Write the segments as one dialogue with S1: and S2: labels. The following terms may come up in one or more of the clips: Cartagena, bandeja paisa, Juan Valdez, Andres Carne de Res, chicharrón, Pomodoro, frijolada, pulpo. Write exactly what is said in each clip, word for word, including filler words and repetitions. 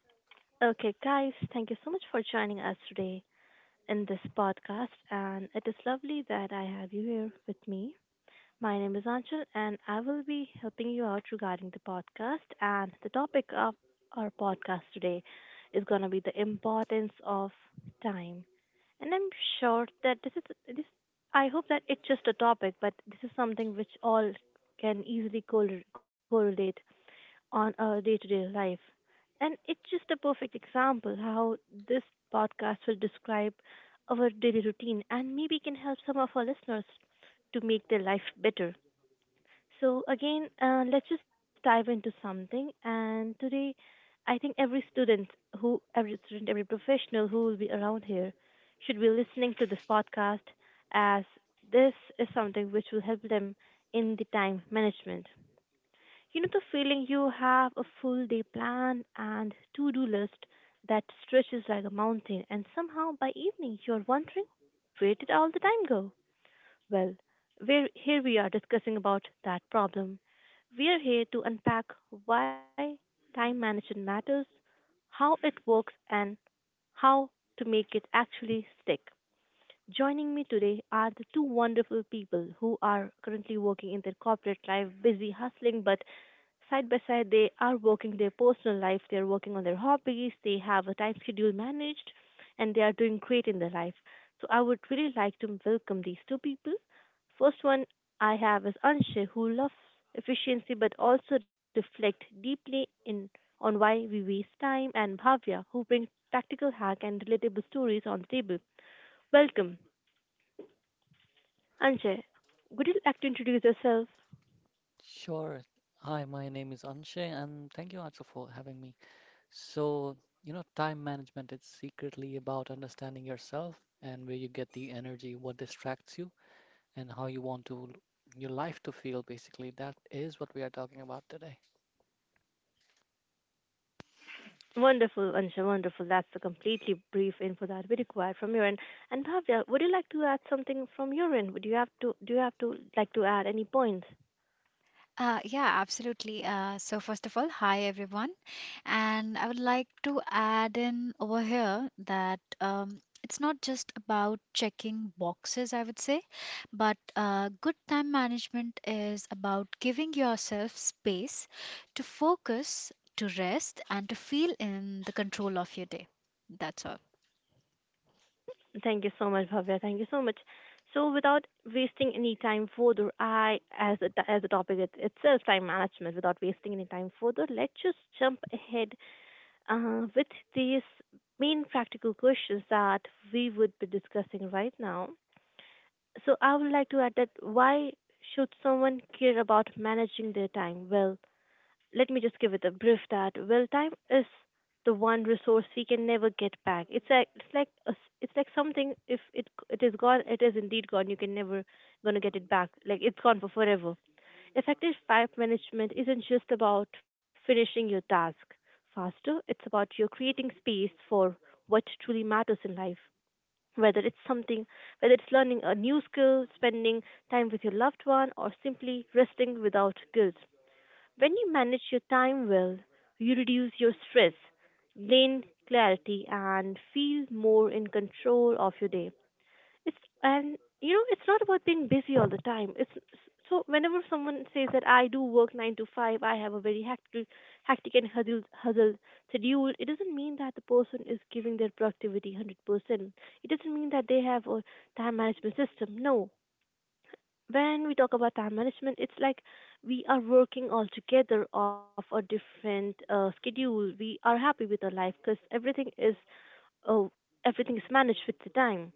S1: Okay, guys, thank you so much for joining us today in this podcast. And it is lovely that I have you here with me. My name is Anchal, and I will be helping you out regarding the podcast. And the topic of our podcast today is going to be the importance of time. And I'm sure that this is this. I hope that it's just a topic, but this is something which all can easily correl- correlate on our day to day life. And it's just a perfect example how this podcast will describe our daily routine and maybe can help some of our listeners to make their life better. So, again, uh, let's just dive into something. And today, I think every student who, every student, every professional who will be around here should be listening to this podcast as this is something which will help them in the time management. You know the feeling, you have a full day plan and to do list that stretches like a mountain, and somehow by evening you're wondering, where did all the time go? Well, we're, here we are discussing about that problem. We are here to unpack why time management matters, how it works, and how to make it actually stick. Joining me today are the two wonderful people who are currently working in their corporate life, busy hustling, but side by side they are working their personal life, they're working on their hobbies, they have a time schedule managed, and they are doing great in their life. So I would really like to welcome these two people. First one I have is Anshay, who loves efficiency but also reflect deeply in on why we waste time, and Bhavya, who brings practical hack and relatable stories on the table. Welcome, Anshay. Would you like to introduce yourself?
S2: Sure. Hi, my name is Anshay, and thank you also for having me. So, you know, time management is secretly about understanding yourself and where you get the energy, what distracts you, and how you want to your life to feel basically. That is what we are talking about today.
S1: Wonderful, Ansha, wonderful. That's the completely brief info that we require from your end. And Bhavya, would you like to add something from your end? Would you have to do you have to like to add any points?
S3: Uh, yeah, absolutely. Uh, so, first of all, hi everyone. And I would like to add in over here that um, it's not just about checking boxes, I would say, but uh, good time management is about giving yourself space to focus, to rest, and to feel in the control of your day. That's all.
S1: Thank you so much, Bhavya. Thank you so much. So without wasting any time further, I as a, as the topic it, itself, time management. Without wasting any time further, let's just jump ahead uh, with these main practical questions that we would be discussing right now. So I would like to add that why should someone care about managing their time? Well, let me just give it a brief that, well, time is the one resource we can never get back. It's like it's like a s it's like something, if it it is gone, it is indeed gone. You can never gonna get it back. Like, it's gone for forever. Effective time management isn't just about finishing your task faster. It's about you creating space for what truly matters in life, whether it's something, whether it's learning a new skill, spending time with your loved one, or simply resting without guilt. When you manage your time well, you reduce your stress, gain clarity, and feel more in control of your day. It's And you know, it's not about being busy all the time. It's so whenever someone says that I do work nine to five, I have a very hectic, hectic and huddled, huddled schedule. It doesn't mean that the person is giving their productivity hundred percent. It doesn't mean that they have a time management system. No. When we talk about time management, it's like we are working all together off a different uh, schedule. We are happy with our life because everything is oh, everything is managed with the time.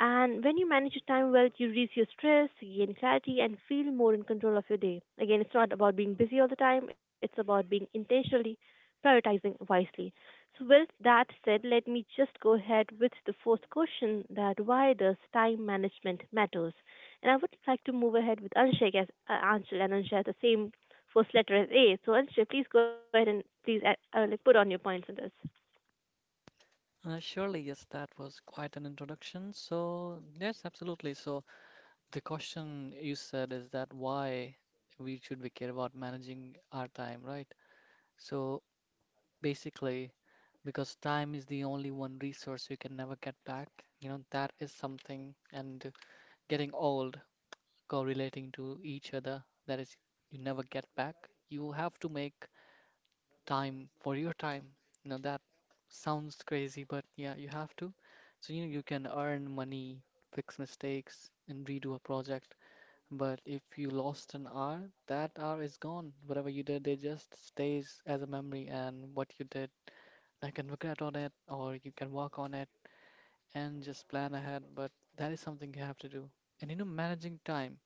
S1: And when you manage your time well, you reduce your stress, you gain clarity, and feel more in control of your day. Again, it's not about being busy all the time, it's about being intentionally prioritizing wisely. So, with that said, let me just go ahead with the first question, that why does time management matters? And I would like to move ahead with Anshik, as uh, Anshul and Anshay at the same first letter as A. So, Anshay, please go ahead and please uh, uh, like put on your points in this.
S2: Uh, surely, yes, that was quite an introduction. So, yes, absolutely. So, the question you said is that why we should we care about managing our time, right? So, basically, because time is the only one resource you can never get back. You know, that is something, and getting old, correlating to each other, that is, you never get back. You have to make time for your time. You know, that sounds crazy, but yeah, you have to. So, you know, you can earn money, fix mistakes, and redo a project. But if you lost an hour, that hour is gone. Whatever you did, it just stays as a memory, and what you did I can regret on it or you can work on it and just plan ahead, but that is something you have to do. And you know, managing time,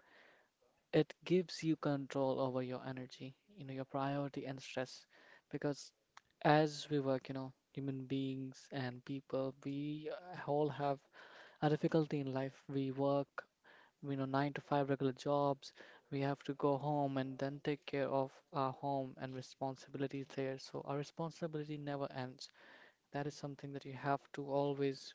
S2: it gives you control over your energy, you know, your priority and stress. Because as we work, you know, human beings and people, we uh, all have a difficulty in life. We work, you know, nine to five regular jobs. We have to go home and then take care of our home and responsibilities there. So our responsibility never ends. That is something that you have to always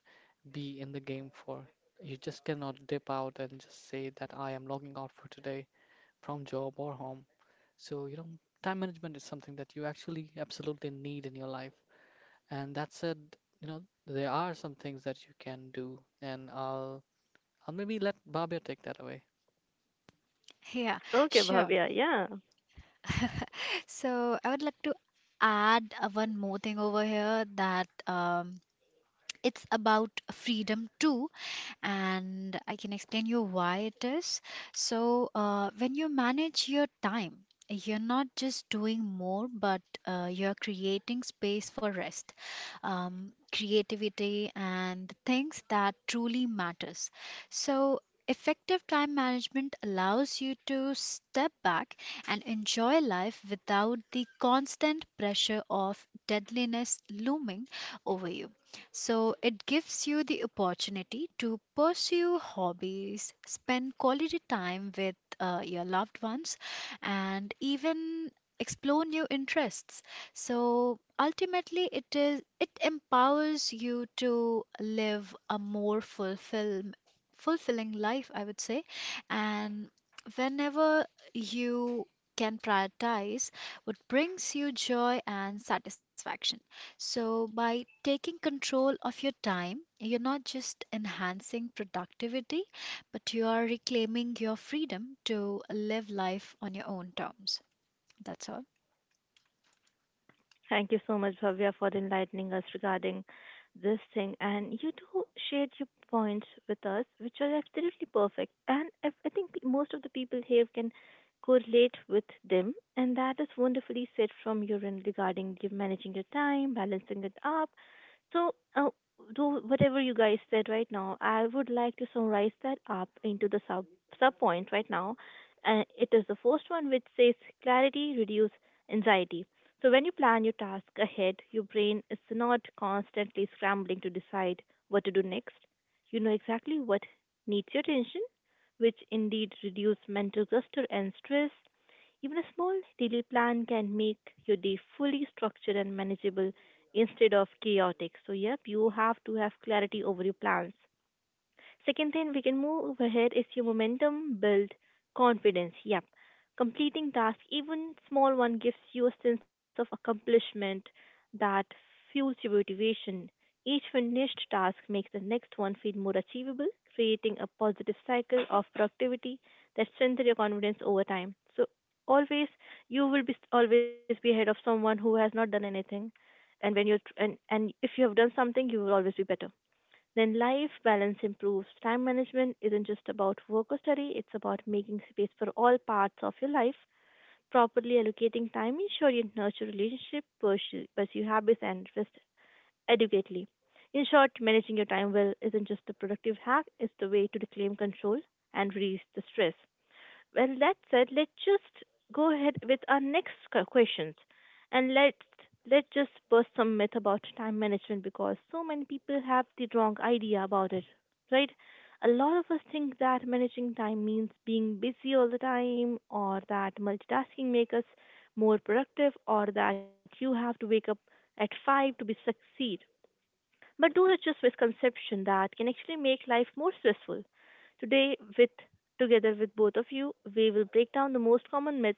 S2: be in the game for. You just cannot dip out and just say that I am logging out for today from job or home. So, you know, time management is something that you actually absolutely need in your life. And that said, you know, there are some things that you can do, and I'll I'll maybe let Babia take that away.
S3: Yeah,
S1: Okay,
S3: sure.
S1: Bhavya, yeah.
S3: So, I would like to add uh, one more thing over here that. Um, It's about freedom too, and I can explain you why it is. So uh, when you manage your time, you're not just doing more, but uh, you're creating space for rest, um, creativity, and the things that truly matters. So effective time management allows you to step back and enjoy life without the constant pressure of deadliness looming over you. So it gives you the opportunity to pursue hobbies, spend quality time with uh, your loved ones, and even explore new interests. So ultimately, it is it empowers you to live a more fulfilled fulfilling life, I would say. And whenever you can prioritize what brings you joy and satisfaction. So, by taking control of your time, you're not just enhancing productivity, but you are reclaiming your freedom to live life on your own terms. That's all.
S1: Thank you so much, Bhavya, for enlightening us regarding this thing. And you do shared your points with us, which are absolutely perfect. And I, I think most of the people here can correlate with them. And that is wonderfully said from your end regarding you managing your time, balancing it up. So, uh, do whatever you guys said right now, I would like to summarize that up into the sub sub point right now. Uh, it is the first one which says clarity reduce anxiety. So, when you plan your task ahead, your brain is not constantly scrambling to decide what to do next. You know exactly what needs your attention, which indeed reduce mental cluster and stress. Even a small daily plan can make your day fully structured and manageable instead of chaotic. So, yep, you have to have clarity over your plans. Second thing we can move ahead is your momentum, build confidence. Yep. Completing tasks, even small one, gives you a sense of accomplishment that fuels your motivation. Each finished task makes the next one feel more achievable, creating a positive cycle of productivity that strengthens your confidence over time. So always you will be always be ahead of someone who has not done anything, and when you and and if you have done something you will always be better. Then life balance improves. Time management isn't just about work or study, it's about making space for all parts of your life. Properly allocating time ensure you nurture relationship, pursue, pursue habits, and rest adequately. In short, managing your time well isn't just a productive hack, it's the way to reclaim control and release the stress. Well, that said, let's just go ahead with our next q- questions, and let's let's just burst some myth about time management, because so many people have the wrong idea about it, right? A lot of us think that managing time means being busy all the time, or that multitasking makes us more productive, or that you have to wake up at five to be succeed. But those are just misconceptions that can actually make life more stressful. Today, with together with both of you, we will break down the most common myth,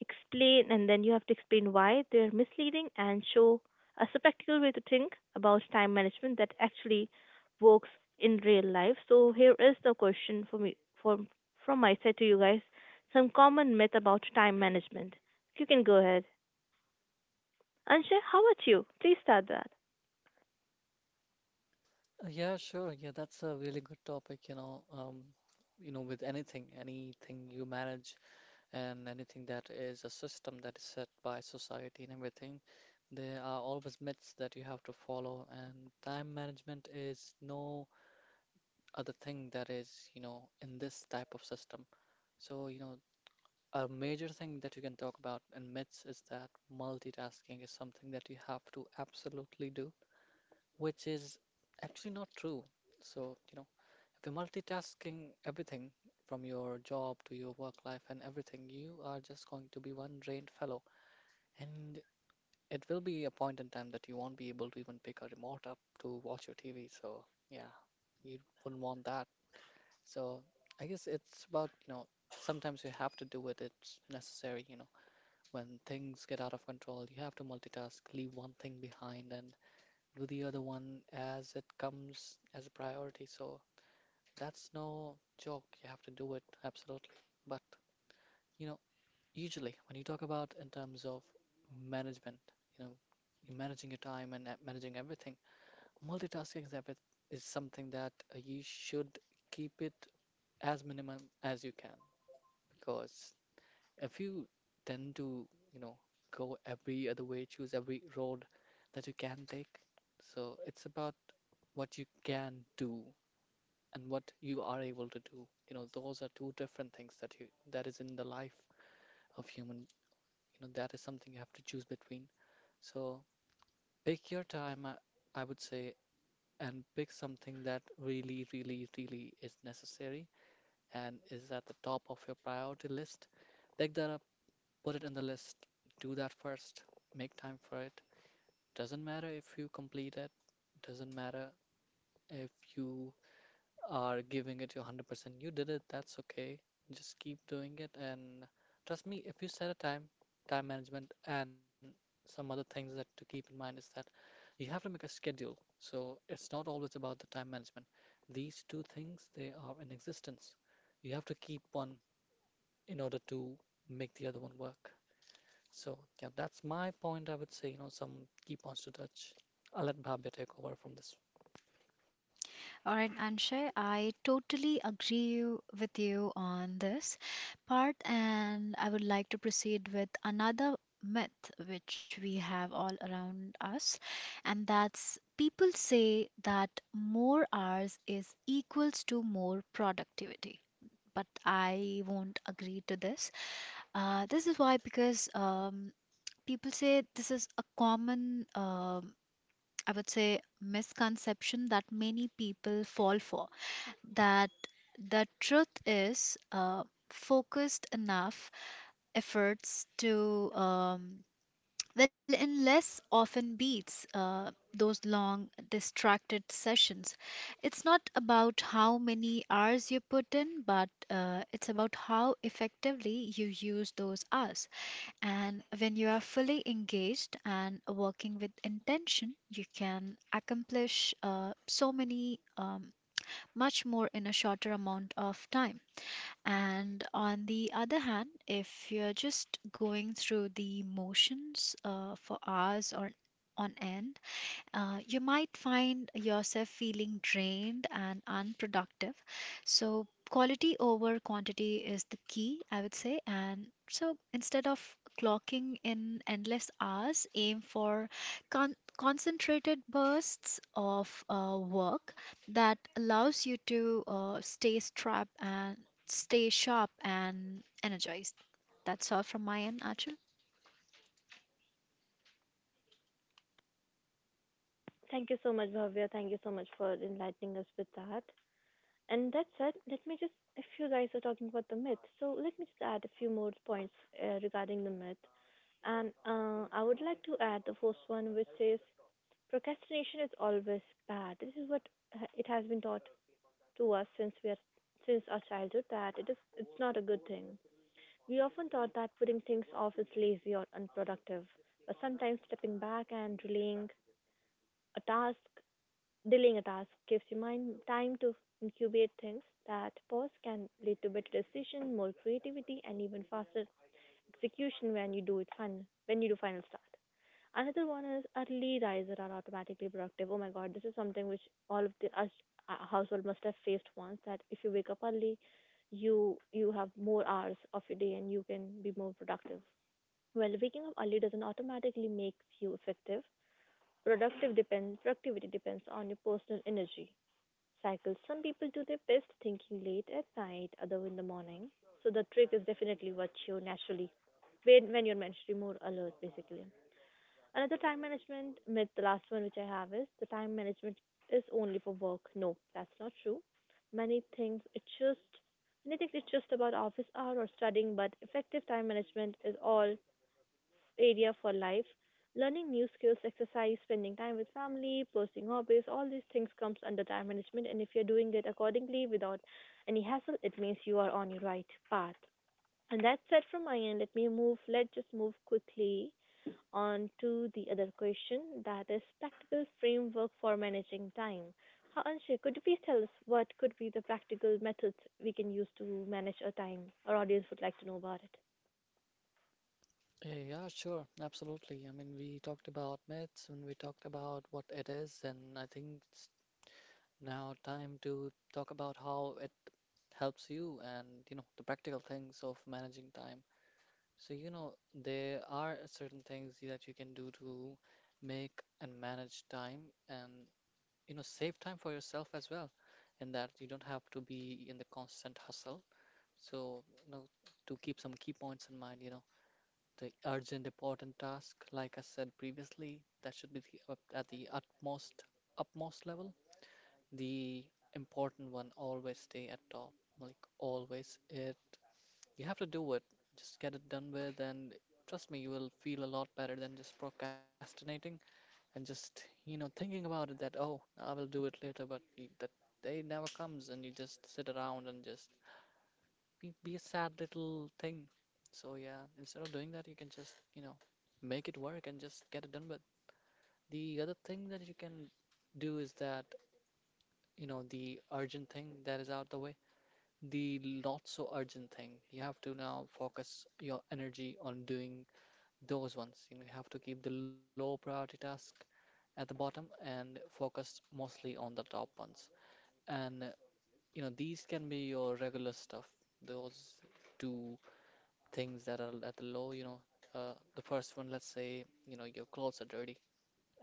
S1: explain, and then you have to explain why they are misleading and show us a practical way to think about time management that actually works in real life. So here is the question for me from from my side to you guys: some common myth about time management. You can go ahead. Anshay, how about you? Please start that.
S2: Uh, Yeah, sure. Yeah, that's a really good topic, you know. Um, you know, with anything, anything you manage, and anything that is a system that is set by society and everything, there are always myths that you have to follow, and time management is no other thing that is, you know, in this type of system. So, you know, a major thing that you can talk about in myths is that multitasking is something that you have to absolutely do, which is actually not true. So, you know, if you're multitasking everything from your job to your work life and everything, you are just going to be one drained fellow. And it will be a point in time that you won't be able to even pick a remote up to watch your T V. So, yeah, you wouldn't want that. So, I guess it's about, you know, sometimes you have to do it. It's necessary, you know, when things get out of control, you have to multitask, leave one thing behind and do the other one as it comes as a priority. So, that's no joke. You have to do it, absolutely. But, you Usually, when you talk about in terms of management, you know, you're managing your time and uh, managing everything, multitasking is, every- is something that uh, you should keep it as minimum as you can. Because if you tend to, you know, go every other way, choose every road that you can take, so it's about what you can do and what you are able to do. You know, those are two different things that you that is in the life of human, you know, that is something you have to choose between. So pick your time, I, I would say, and pick something that really, really, really is necessary and is at the top of your priority list. Pick that up, put it in the list, do that first, make time for it. Doesn't matter if you complete it, doesn't matter if you are giving it your one hundred percent. You did it, that's okay. Just keep doing it, and trust me, if you set a time, time management, and some other things that to keep in mind is that you have to make a schedule. So it's not always about the time management. These two things, they are in existence. You have to keep one in order to make the other one work. So yeah, that's my point. I would say, you know, some key points to touch. I'll let Bhavya take over from this.
S3: All right, Anshay, I totally agree you- with you on this part, and I would like to proceed with another myth which we have all around us, and that's people say that more hours is equals to more productivity, but I won't agree to this. Uh, this is why, because um, people say this is a common, um I would say, misconception that many people fall for. That the truth is uh, focused enough efforts to um, well, in less often beats uh, those long, distracted sessions. It's not about how many hours you put in, but uh, it's about how effectively you use those hours. And when you are fully engaged and working with intention, you can accomplish uh, so many, um, much more in a shorter amount of time. And on the other hand, if you're just going through the motions uh, for hours or on end, uh, you might find yourself feeling drained and unproductive. So, quality over quantity is the key, I would say. And so, instead of clocking in endless hours, aim for con- concentrated bursts of uh, work that allows you to uh, stay strapped and stay sharp and energized. That's all from my end, Achal.
S1: Thank you so much, Bhavya. Thank you so much for enlightening us with that. And that said, let me just, if you guys are talking about the myth, so let me just add a few more points uh, regarding the myth. And uh, I would like to add the first one, which says procrastination is always bad. This is what uh, it has been taught to us since we are since our childhood that it is it's not a good thing. We often thought that putting things off is lazy or unproductive, but sometimes stepping back and delaying a task delaying a task gives your mind time to incubate things. That pause can lead to better decision, more creativity, and even faster execution when you do it final when you do final start. Another one is early riser are automatically productive. Oh my god, this is something which all of the us uh, household must have faced once. That if you wake up early, you you have more hours of your day and you can be more productive. Well, waking up early doesn't automatically make you effective. Productive depends Productivity depends on your personal energy cycle. Some people do their best thinking late at night, other in the morning. So the trick is definitely what you naturally when when you're mentally more alert basically. Another time management myth, the last one which I have is the time management is only for work. No, that's not true. Many things it's just Many things it's just about office hour or studying, but effective time management is all area for life. Learning new skills, exercise, spending time with family, pursuing hobbies, all these things comes under time management, and if you're doing it accordingly without any hassle, it means you are on your right path. And that's it from my end. Let me move let's just move quickly on to the other question, that is practical framework for managing time. Ha, Anshay, could you please tell us what could be the practical methods we can use to manage our time? Our audience would like to know about it.
S2: Yeah, yeah, sure, absolutely. I mean, we talked about myths and we talked about what it is, and I think it's now time to talk about how it helps you and you know the practical things of managing time. So, you know, there are certain things that you can do to make and manage time and, you know, save time for yourself as well, in that you don't have to be in the constant hustle. So, you know, to keep some key points in mind, you know, the urgent, important task, like I said previously, that should be the, up- at the utmost, upmost level. The important one always stay at top, like always. It you have to do it. Just get it done with, and trust me, you will feel a lot better than just procrastinating and just, you know, thinking about it that, oh, I will do it later, but y- that day never comes, and you just sit around and just be, be a sad little thing. So, yeah, instead of doing that, you can just, you know, make it work and just get it done with. The other thing that you can do is that, you know, the urgent thing that is out the way the not so urgent thing. You have to now focus your energy on doing those ones. You know, you have to keep the low priority task at the bottom and focus mostly on the top ones. And uh, you know, these can be your regular stuff. Those two things that are at the low, you know, uh, the first one, let's say, you know, your clothes are dirty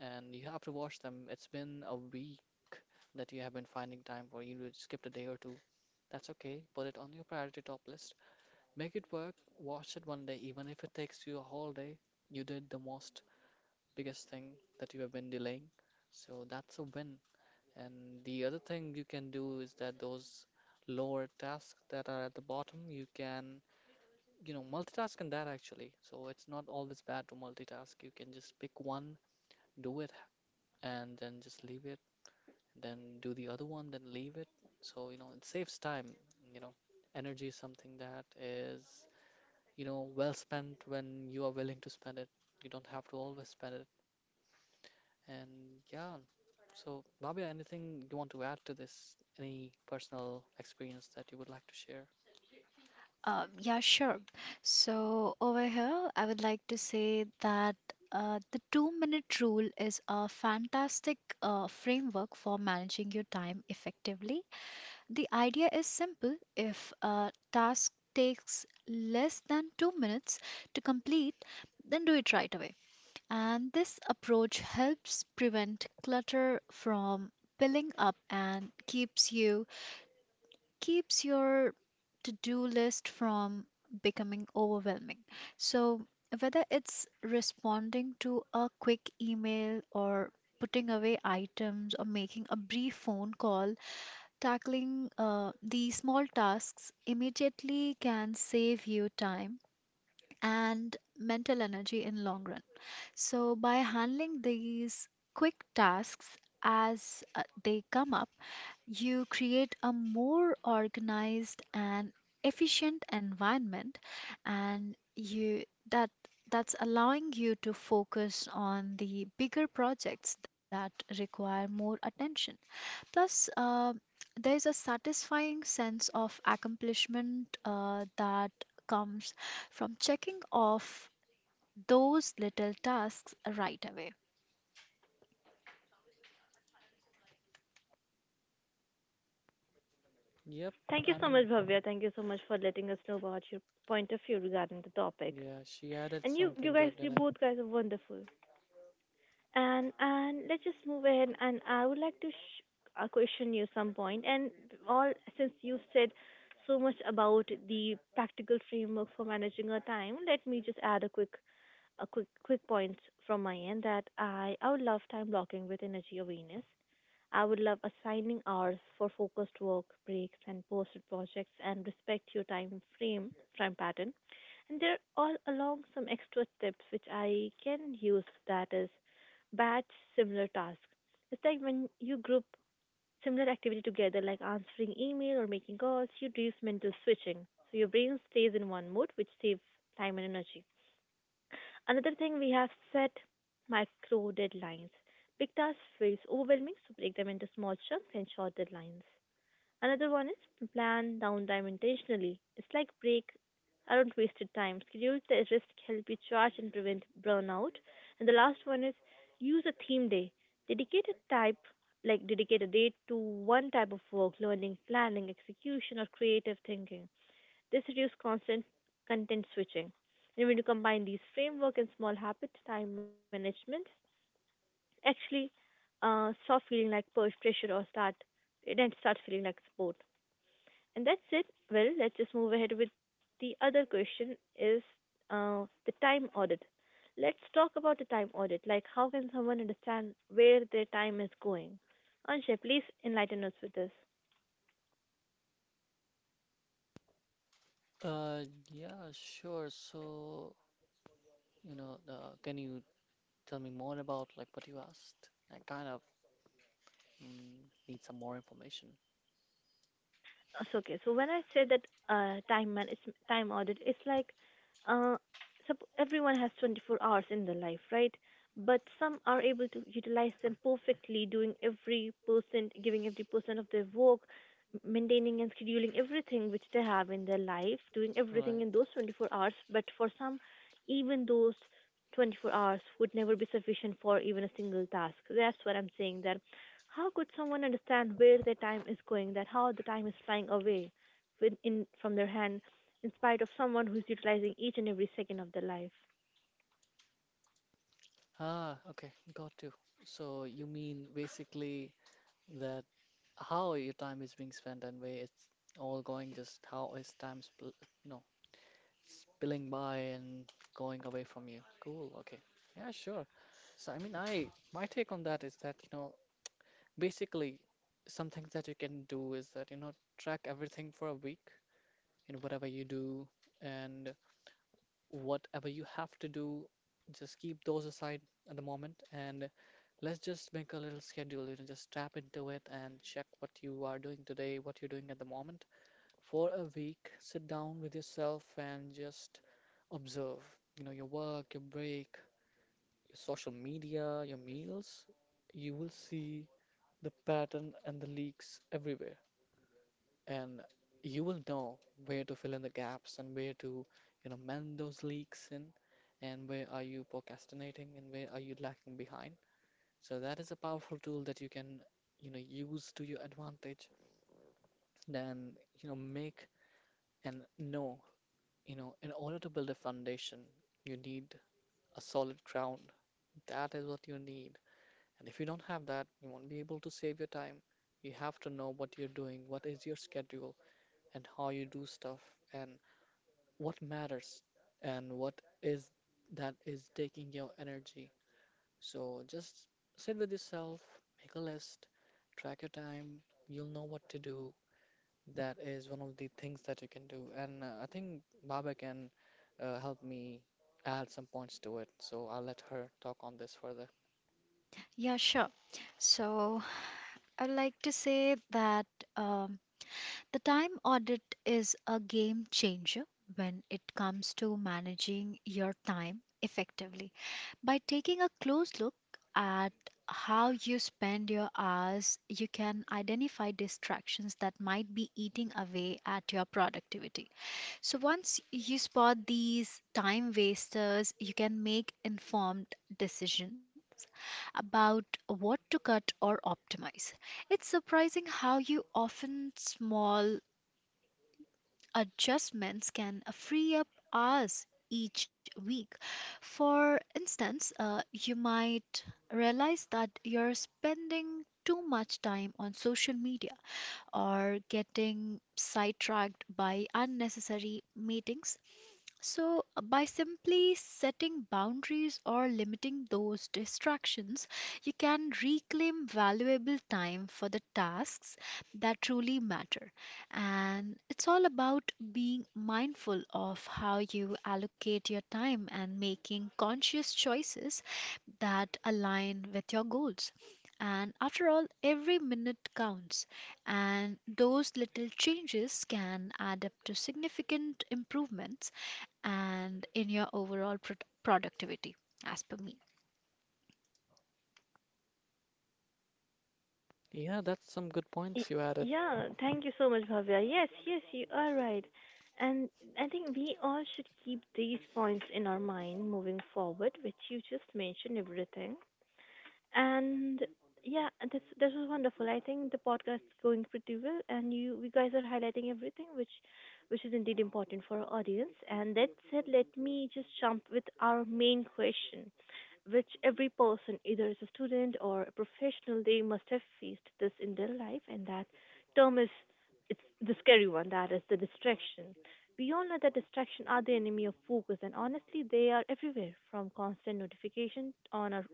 S2: and you have to wash them. It's been a week that you have been finding time for. You skipped a day or two. That's okay. Put it on your priority top list. Make it work. Wash it one day, even if it takes you a whole day. You did the most biggest thing that you have been delaying. So that's a win. And the other thing you can do is that those lower tasks that are at the bottom, you can, you know, multitask in that actually. So it's not always bad to multitask. You can just pick one, do it, and then just leave it. Then do the other one, then leave it. So, you know, it saves time, you know. Energy is something that is, you know, well spent when you are willing to spend it. You don't have to always spend it. And yeah, so, Bhavya, anything you want to add to this? Any personal experience that you would like to share?
S3: Uh, yeah, sure. So over here, I would like to say that uh, the two-minute rule is a fantastic uh, framework for managing your time effectively. The idea is simple. If a task takes less than two minutes to complete, then do it right away. And this approach helps prevent clutter from piling up and keeps you keeps your to do list from becoming overwhelming. So, whether it's responding to a quick email or putting away items or making a brief phone call, tackling uh, these small tasks immediately can save you time and mental energy in long run. So, by handling these quick tasks as uh, they come up, you create a more organized and efficient environment, and you that that's allowing you to focus on the bigger projects that require more attention. Plus, uh, there's a satisfying sense of accomplishment uh, that comes from checking off those little tasks right away.
S2: Yep,
S1: Thank you
S2: I
S1: so
S2: mean,
S1: much, Bhavya. Thank you so much for letting us know about your point of view regarding the topic.
S2: yeah, she added
S1: And you, you
S2: something good
S1: guys,
S2: in
S1: you
S2: it.
S1: both guys are wonderful. And and let's just move ahead. And I would like to sh- uh, question you some point. And all since you said so much about the practical framework for managing our time, let me just add a quick a quick quick points from my end that I I would love time blocking with energy awareness. I would love assigning hours for focused work, breaks, and posted projects, and respect your time frame time pattern. And there all along some extra tips which I can use, that is batch similar tasks. It's like when you group similar activity together, like answering email or making calls, you reduce mental switching. So your brain stays in one mode, which saves time and energy. Another thing we have, set micro deadlines. Big tasks feels overwhelming, so break them into small chunks and short deadlines. Another one is plan downtime intentionally. It's like break around wasted time. Schedule the risk help you charge and prevent burnout. And the last one is use a theme day. Dedicate a type, like dedicate a day to one type of work, learning, planning, execution, or creative thinking. This reduces constant content switching. And when you combine these framework and small habit time management, actually uh, stop feeling like push pressure or start it then start feeling like support. And that's it. Well, let's just move ahead with the other question, is uh, the time audit. Let's talk about the time audit. Like, how can someone understand where their time is going? Anshay, please enlighten us with this.
S2: Uh, yeah, sure. So, you know, uh, can you tell me more about like what you asked? I kind of mm, need some more information.
S1: It's okay. So when I say that uh, time man is time audit, it's like uh, sup- everyone has twenty-four hours in their life, right? But some are able to utilize them perfectly, doing every percent, giving every percent of their work, m- maintaining and scheduling everything which they have in their life, doing everything
S2: Right.
S1: in those twenty-four hours. But for some, even those twenty-four hours would never be sufficient for even a single task. That's what I'm saying. That how could someone understand where their time is going, that how the time is flying away with in, from their hand, in spite of someone who's utilizing each and every second of their life?
S2: Ah, okay, got you. So you mean basically that how your time is being spent and where it's all going, just how is time spl you know, spilling by and going away from you. Cool, okay. Yeah, sure. So I mean, I my take on that is that, you know, basically some things that you can do is that, you know, track everything for a week in whatever you do and whatever you have to do, just keep those aside at the moment, and let's just make a little schedule, you know, just tap into it and check what you are doing today, what you're doing at the moment. For a week, sit down with yourself and just observe, you know, your work, your break, your social media, your meals. You will see the pattern and the leaks everywhere, and you will know where to fill in the gaps and where to, you know, mend those leaks in, and where are you procrastinating and where are you lacking behind. So that is a powerful tool that you can, you know, use to your advantage. Then, you know, make and know, you know, in order to build a foundation, you need a solid ground. That is what you need. And if you don't have that, you won't be able to save your time. You have to know what you're doing, what is your schedule, and how you do stuff, and what matters, and what is that is taking your energy. So just sit with yourself, make a list, track your time, you'll know what to do. That is one of the things that you can do. And uh, I think Baba can uh, help me add some points to it. So I'll let her talk on this further.
S3: Yeah, sure. So I'd like to say that um, the time audit is a game changer when it comes to managing your time effectively. By taking a close look at how you spend your hours, you can identify distractions that might be eating away at your productivity. So once you spot these time wasters, you can make informed decisions about what to cut or optimize. It's surprising how you often small adjustments can free up hours each week. For instance, uh, you might realize that you're spending too much time on social media or getting sidetracked by unnecessary meetings. So, uh, by simply setting boundaries or limiting those distractions, you can reclaim valuable time for the tasks that truly matter. And it's all about being mindful of how you allocate your time and making conscious choices that align with your goals. And after all, every minute counts, and those little changes can add up to significant improvements and in your overall pro- productivity, as per me.
S2: Yeah, that's some good
S1: Y-
S2: points you added.
S1: Yeah, thank you so much, Bhavya. Yes, yes, you are right. And I think we all should keep these points in our mind moving forward, which you just mentioned everything. And yeah, this this was wonderful. I think the podcast is going pretty well, and you you guys are highlighting everything which which is indeed important for our audience. And that said, let me just jump with our main question, which every person, either as a student or a professional, they must have faced this in their life, and that term is, it's the scary one. That is the distraction. We all know that distraction are the enemy of focus, and honestly, they are everywhere from constant notification on our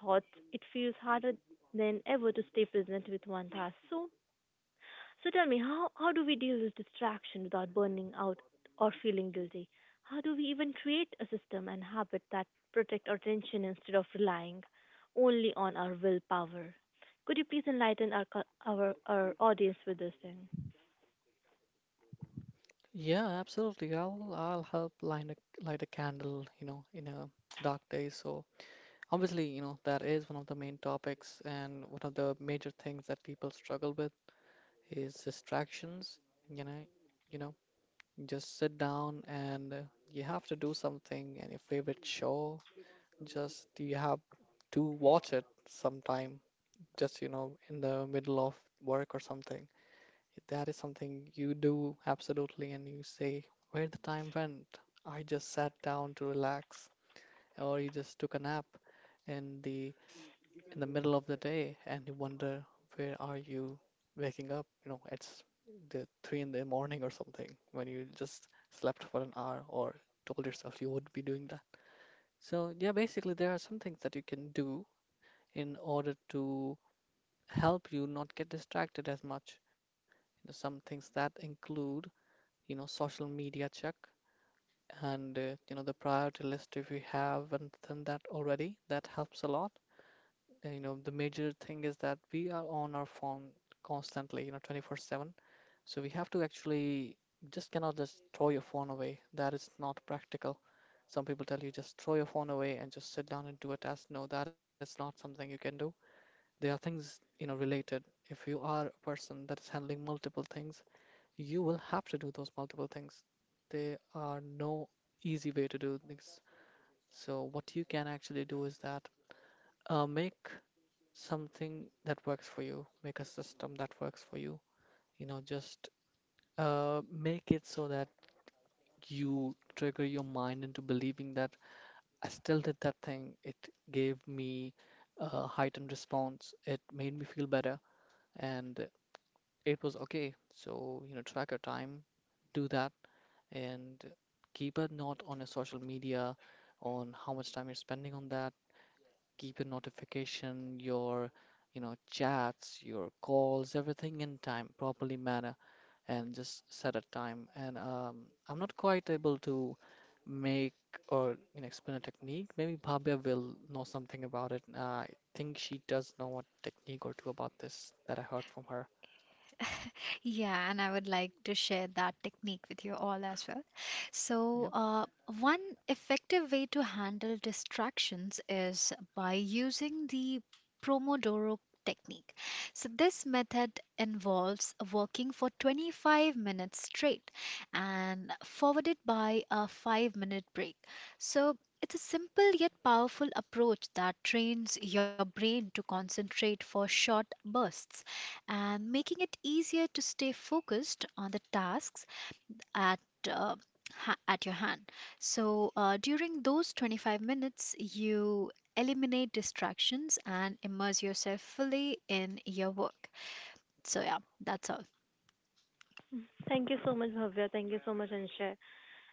S1: thoughts. It feels harder than ever to stay present with one task. So, so tell me, how, how do we deal with distraction without burning out or feeling guilty? How do we even create a system and habit that protect our attention instead of relying only on our willpower? Could you please enlighten our co- our, our audience with this thing?
S2: Yeah, absolutely. I'll I'll help light a light a candle, you know, in a dark day. So obviously, you know, that is one of the main topics and one of the major things that people struggle with. Is distractions. You know, you know, just sit down and uh, you have to do something. And your favorite show, just you have to watch it sometime. Just you know, in the middle of work or something. That is something you do absolutely, and you say, "Where the time went? I just sat down to relax, or you just took a nap." And the in the middle of the day and you wonder where are you waking up? You know, it's the three in the morning or something when you just slept for an hour or told yourself you would be doing that. So yeah, basically there are some things that you can do in order to help you not get distracted as much. You know, some things that include, you know, social media check and uh, you know the priority list if you haven't done that already, that helps a lot. Uh, you know, the major thing is that we are on our phone constantly, you know, twenty-four seven, so we have to actually just cannot just throw your phone away, that is not practical. Some people tell you just throw your phone away and just sit down and do a task, no, that is not something you can do. There are things, you know, related. If you are a person that is handling multiple things, you will have to do those multiple things. There are no easy way to do things. So what you can actually do is that uh, make something that works for you, make a system that works for you. You know, just uh, make it so that you trigger your mind into believing that I still did that thing. It gave me a heightened response, it made me feel better, and it was okay. So, you know, track your time, do that, and keep a note on your social media on how much time you're spending on that. Keep your notification, your you know chats, your calls, everything in time, properly manner, and just set a time. And um, I'm not quite able to make or you know, explain a technique. Maybe Bhavya will know something about it. Uh, I think she does know a technique or two about this that I heard from her.
S3: Yeah, and I would like to share that technique with you all as well. So,
S2: Yep.
S3: uh, one effective way to handle distractions is by using the Pomodoro technique. So, this method involves working for twenty-five minutes straight and followed by a five minute break. So, it's a simple yet powerful approach that trains your brain to concentrate for short bursts and making it easier to stay focused on the tasks at uh, ha- at your hand. So uh, during those twenty-five minutes, you eliminate distractions and immerse yourself fully in your work. So yeah, that's all.
S1: Thank you so much, Bhavya. Thank you so much, Anshay.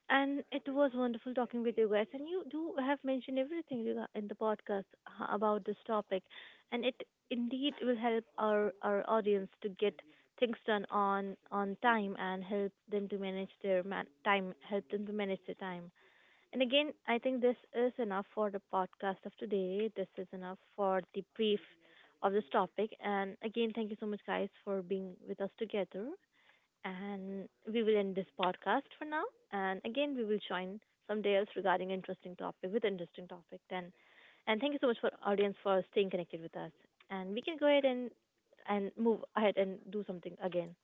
S1: And it was wonderful talking with you guys. And you do have mentioned everything rega- in the podcast h- about this topic, and it indeed will help our our audience to get things done on on time and help them to manage their man- time, help them to manage their time. And again, I think this is enough for the podcast of today. This is enough for the brief of this topic. And again, thank you so much, guys, for being with us together. And we will end this podcast for now. And again, we will join someday else regarding interesting topic with interesting topic. Then, and thank you so much for audience for staying connected with us. And we can go ahead and and move ahead and do something again.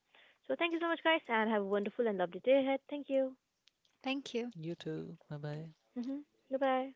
S1: So thank you so much, guys, and have a wonderful and lovely day ahead. Thank you.
S3: Thank you.
S2: You too. Bye bye.
S1: Hmm. Goodbye.